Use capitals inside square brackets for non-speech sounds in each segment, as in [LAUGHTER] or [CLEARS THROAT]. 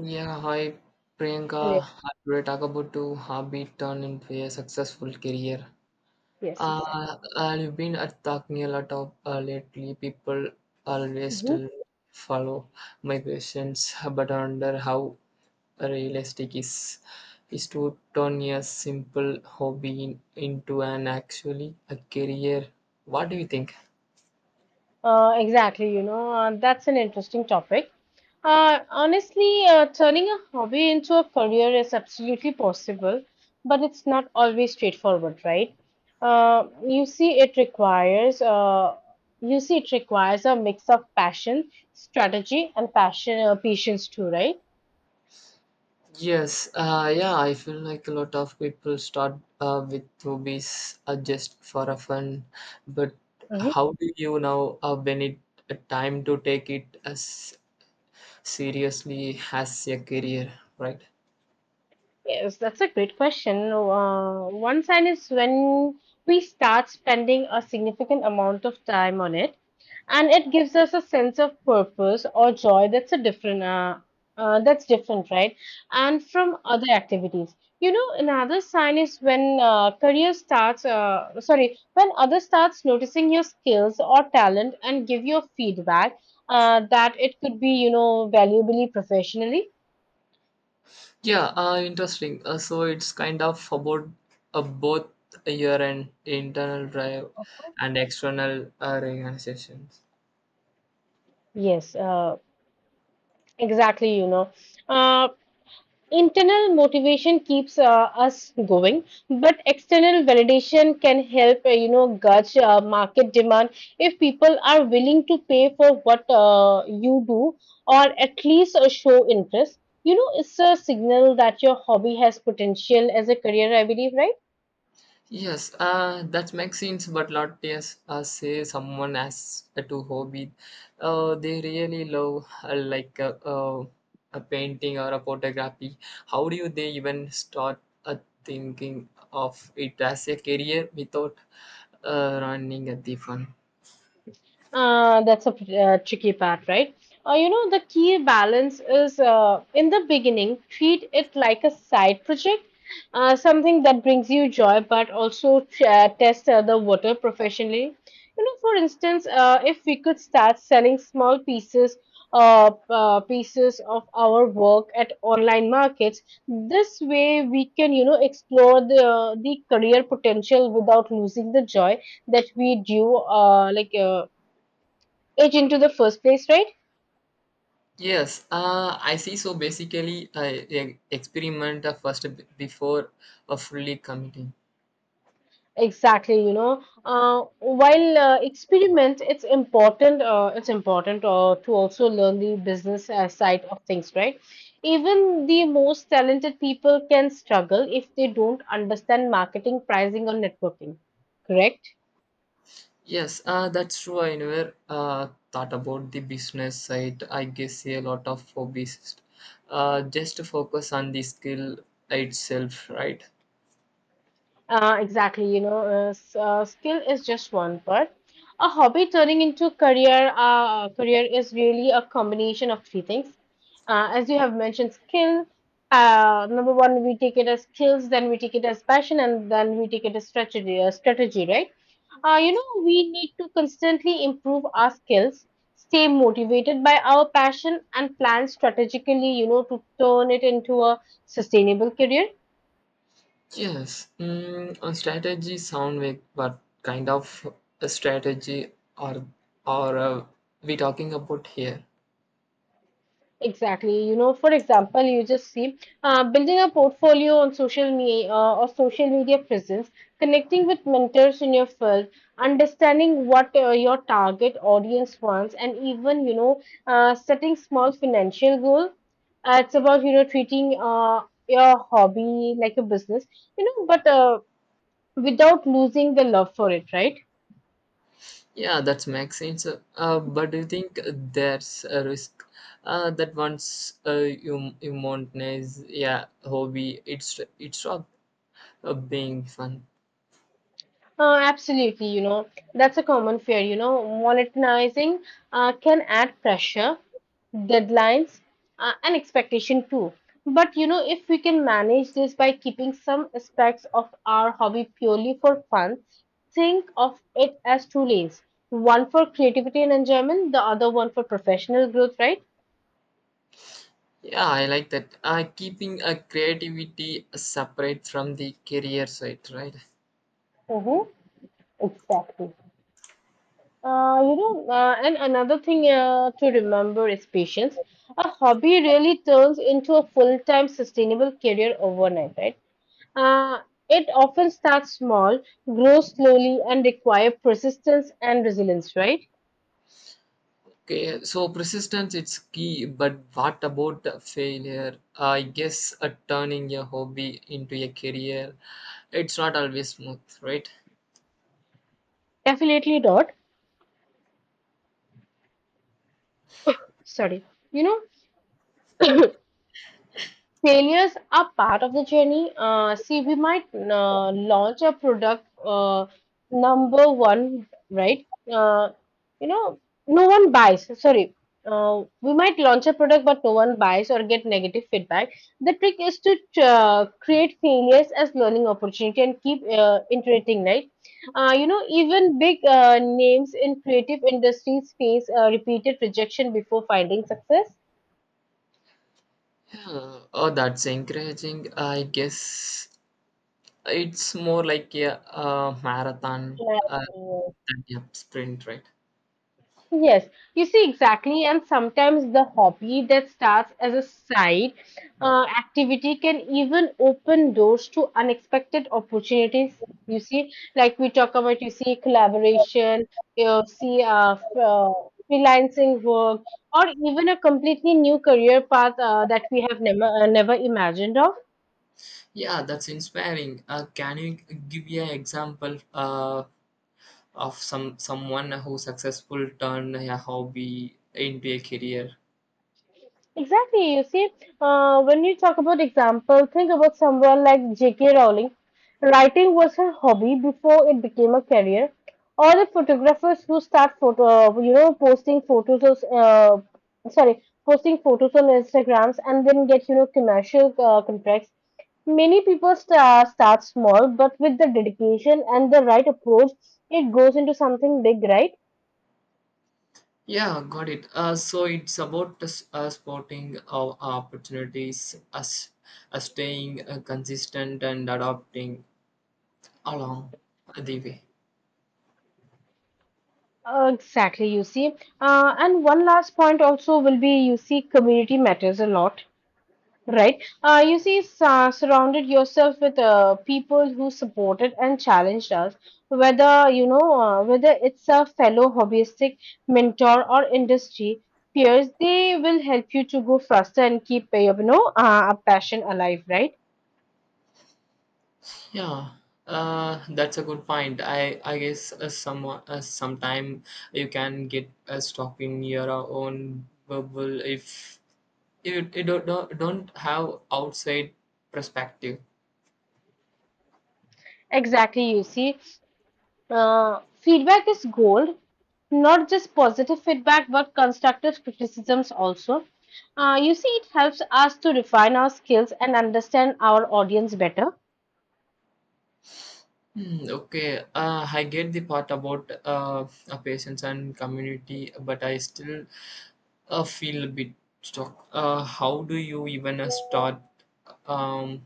Yeah, hi Hello. Priyanka. How do we talk about to hobby turn into a successful career? Yes, Uh, exactly. I've been talking a lot of lately. People always Mhm. still follow my questions, but I wonder how realistic is to turn a simple hobby into an actually a career. What do you think? Exactly. You know, that's an interesting topic. Honestly, turning a hobby into a career is absolutely possible, but it's not always straightforward, right? You see, it requires a mix of passion, strategy, and passion patience too, right? Yes, yeah, I feel like a lot of people start with hobbies just for a fun, but Mhm. how do you now when it a time to take it as seriously as a career, right? Yes, that's a great question. One sign is when we start spending a significant amount of time on it, and it gives us a sense of purpose or joy that's a different that's different, right? And from other activities. You know, another sign is when career starts sorry when others starts noticing your skills or talent and give you feedback, that it could be, you know, valuably professionally. Yeah, interesting. So it's kind of about both your and internal drive and external organizations. Yes. Exactly, you know. Uh, Internal motivation keeps us going, but external validation can help, you know, gauge market demand if people are willing to pay for what you do, or at least show interest. You know, it's a signal that your hobby has potential as a career, I believe, right? Yes, that makes sense, but lot yes, say someone has a to hobby, they really love like a painting or a photography. How do you they even start thinking of it as a career without running at the fun? That's a tricky part, right? You know, the key balance is, in the beginning, treat it like a side project, something that brings you joy, but also test the water professionally. You know, for instance, if we could start selling small pieces pieces of our work at online markets. This way we can, you know, explore the career potential without losing the joy that we do, like. It into the first place, right? Yes, I see. So basically, I experiment first before fully committing. Exactly, you know. While experiment, it's important to also learn the business side of things, right? Even the most talented people can struggle if they don't understand marketing, pricing, or networking. Correct. Yes, that's true. I never thought about the business side. I guess a lot of hobbyists just focus on the skill itself, right? Exactly, you know. Skill is just one part. A hobby turning into a career, is really a combination of three things. As you have mentioned, skill. Number one, we take it as skills, then we take it as passion, and then we take it as strategy. Strategy, right? You know, we need to constantly improve our skills, stay motivated by our passion, and plan strategically. You know, to turn it into a sustainable career. Yes, a strategy sound make, but kind of a strategy or or we talking about here? Exactly. You know, for example, you just see, building a portfolio on social media, or social media presence, connecting with mentors in your field, understanding what your target audience wants, and even, you know, setting small financial goal. It's about, you know, treating your hobby like a business, you know, but without losing the love for it, right? Yeah, that makes sense. But do you think there's a risk that once you monetize yeah hobby, it's up being fun. Absolutely, you know, that's a common fear. You know, monetizing can add pressure, deadlines, and expectation too. But you know, if we can manage this by keeping some aspects of our hobby purely for fun, think of it as two lanes, one for creativity and enjoyment, the other one for professional growth, right? Yeah, I like that. Keeping a creativity separate from the career side, right? Mm-hmm, exactly. And another thing to remember is patience. A hobby really turns into a full-time sustainable career overnight, right? Uh, it often starts small, grows slowly, and require persistence and resilience, right? Okay, so persistence it's key, but what about the failure? I guess turning a hobby into a career, it's not always smooth, right? Definitely not. Sorry. You know, [CLEARS THROAT] failures are part of the journey. See, we might launch a product, number one, right? You know, no one buys. Sorry. We might launch a product, but no one buys or get negative feedback. The trick is to create failures as learning opportunity and keep iterating, right? You know, even big names in creative industries face repeated rejection before finding success. Yeah. Oh, that's encouraging. I guess it's more like a marathon Yeah. than a sprint, right? Yes, you see exactly, and sometimes the hobby that starts as a side activity can even open doors to unexpected opportunities. You see, like we talk about, you see, collaboration, you see, freelancing work, or even a completely new career path that we have never imagined of. Yeah, that's inspiring. Can you give me an example of someone who successful turned a hobby into a career. Exactly. You see, when you talk about example, think about someone like J.K. Rowling. Writing was her hobby before it became a career. Or the photographers who start you know, posting photos of, posting photos on Instagrams and then get, you know, commercial contracts. Many people start small, but with the dedication and the right approach, it goes into something big, right? Yeah, got it. So it's about the spotting our opportunities, us staying consistent and adapting along the way. Exactly, you see. And one last point also will be, you see, community matters a lot, right? You see, surrounded yourself with people who supported and challenged us, whether you know, whether it's a fellow hobbyistic, mentor, or industry peers. They will help you to go faster and keep, you know, a passion alive, right? Yeah, that's a good point. I guess sometime you can get stuck in your own bubble if you don't have outside perspective. Exactly, you see. Feedback is gold, not just positive feedback, but constructive criticisms also. You see, it helps us to refine our skills and understand our audience better. Hmm, okay, I get the part about patients and community, but I still feel a bit stuck. How do you even start um,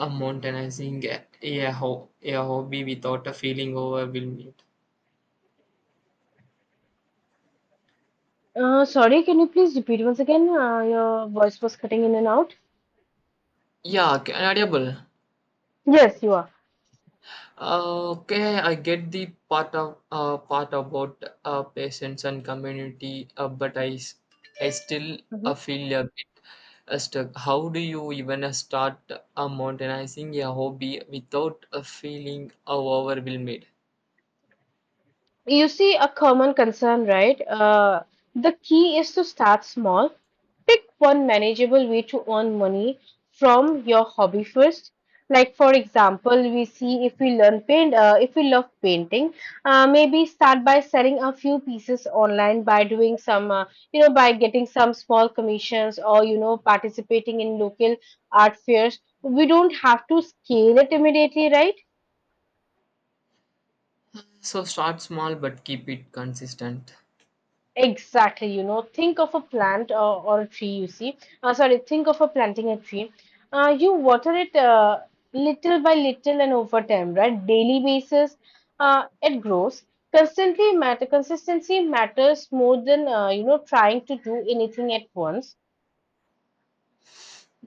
monetizing a hobby without a feeling overwhelmed? Sorry, can you please repeat once again? Your voice was cutting in and out. Yeah, adaptable. Yes, you are. Okay, I get the part of part about patients and community, but I still feel a bit stuck. How do you even start modernizing a hobby without feeling overwhelmed? You see, a common concern, right? The key is to start small. Pick one manageable way to earn money from your hobby first. Like for example, we see if we love painting, maybe start by selling a few pieces online by doing some, you know, by getting some small commissions, or you know, participating in local art fairs. We don't have to scale it immediately, right? So start small, but keep it consistent. Exactly, you know, think of a plant, or a tree, you see. Sorry, think of a planting a tree. You water it, little by little and over time, right? Daily basis, it grows. Consistency matters more than, you know, trying to do anything at once.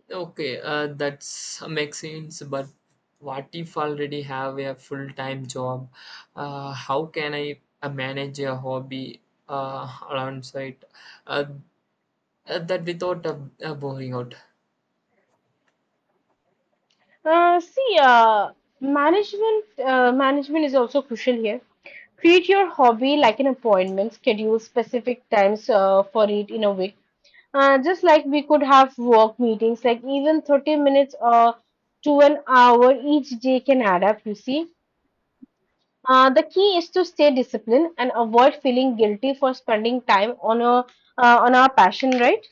Okay, that's makes sense. But what if I already have a full time job? How can I manage a hobby alongside uh, that without boring out? See, management is also crucial here. Treat your hobby like an appointment, schedule specific times for it in a week. Just like we could have work meetings, like even 30 minutes or to an hour each day can add up, you see. The key is to stay disciplined and avoid feeling guilty for spending time on a, on our passion, right?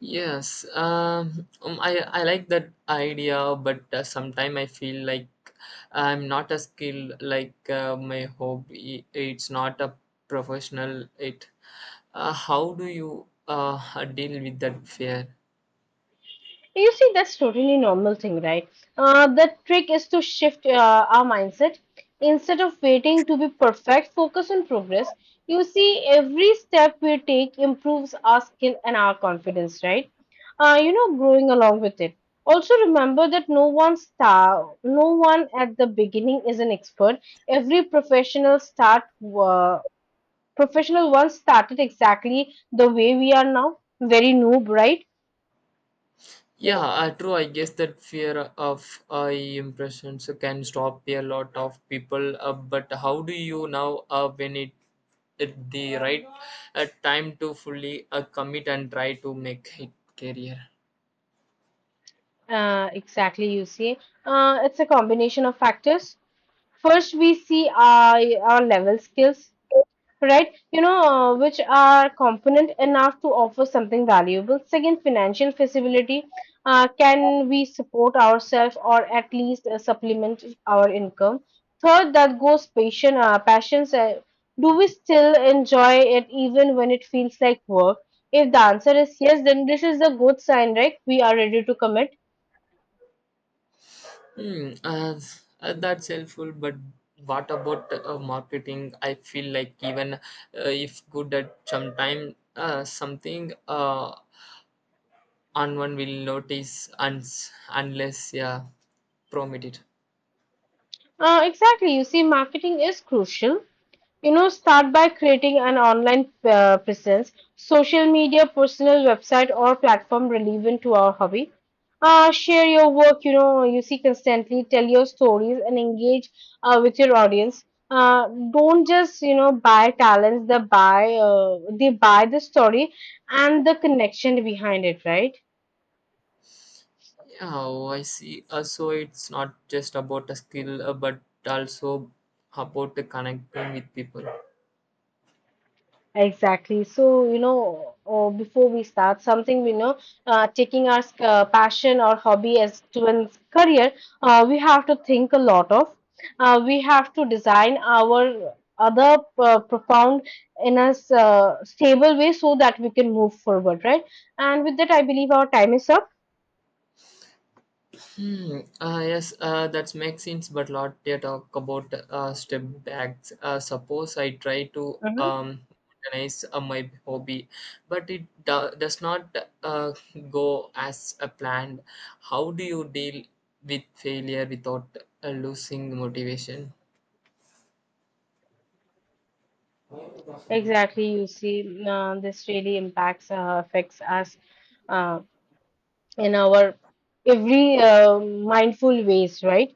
Yes, I like that idea, but sometimes I feel like I'm not a skill like my hobby. It's not a professional. It. How do you deal with that fear? You see, that's totally normal thing, right? The trick is to shift our mindset. Instead of waiting to be perfect, focus on progress. You see, every step we take improves our skill and our confidence, right? You know, growing along with it. Also, remember that no one at the beginning is an expert. Every professional start, uh, professional once started exactly the way we are now, very noob, right? Yeah, true. I guess that fear of impressions can stop a lot of people. But how do you now when it at the right time to fully commit and try to make it career? Exactly, you see. It's a combination of factors. First, we see our level skills, right? You know, which are component enough to offer something valuable. Second, financial feasibility. Can we support ourselves or at least supplement our income? Third, that goes passions. Do we still enjoy it even when it feels like work? If the answer is yes, then this is a good sign, right? We are ready to commit. Hmm, that's helpful. But what about marketing? I feel like even if good at some time, something on one will notice unless yeah, promoted. Exactly. You see, marketing is crucial. You know, start by creating an online presence, social media, personal website, or platform relevant to our hobby. Share your work, you know, you see, constantly, tell your stories, and engage with your audience. Don't just, you know, buy talents, they buy the story and the connection behind it, right? Oh, I see. So it's not just about a skill, but also about the connecting with people. Exactly. So, you know, or before we start something, we know, taking our passion or hobby as to a career, we have to think a lot of. We have to design our other profound in a stable way so that we can move forward, right? And with that, I believe our time is up. Hmm. Yes, that makes sense. But lot they talk about step backs. Suppose I try to Hmm. Organize my hobby, but it does not uh, go as a planned. How do you deal with failure without losing motivation? Exactly. You see, this really impacts, affects us uh, in our every mindful ways, right?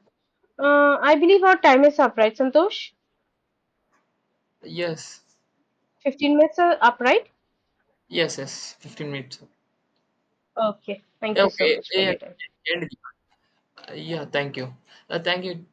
I believe our time is up, right, Santosh? Yes, 15 minutes are up, right? yes, yes. 15 minutes. Okay. Thank you so Okay, much for yeah, your time. and- yeah, thank you. Thank you.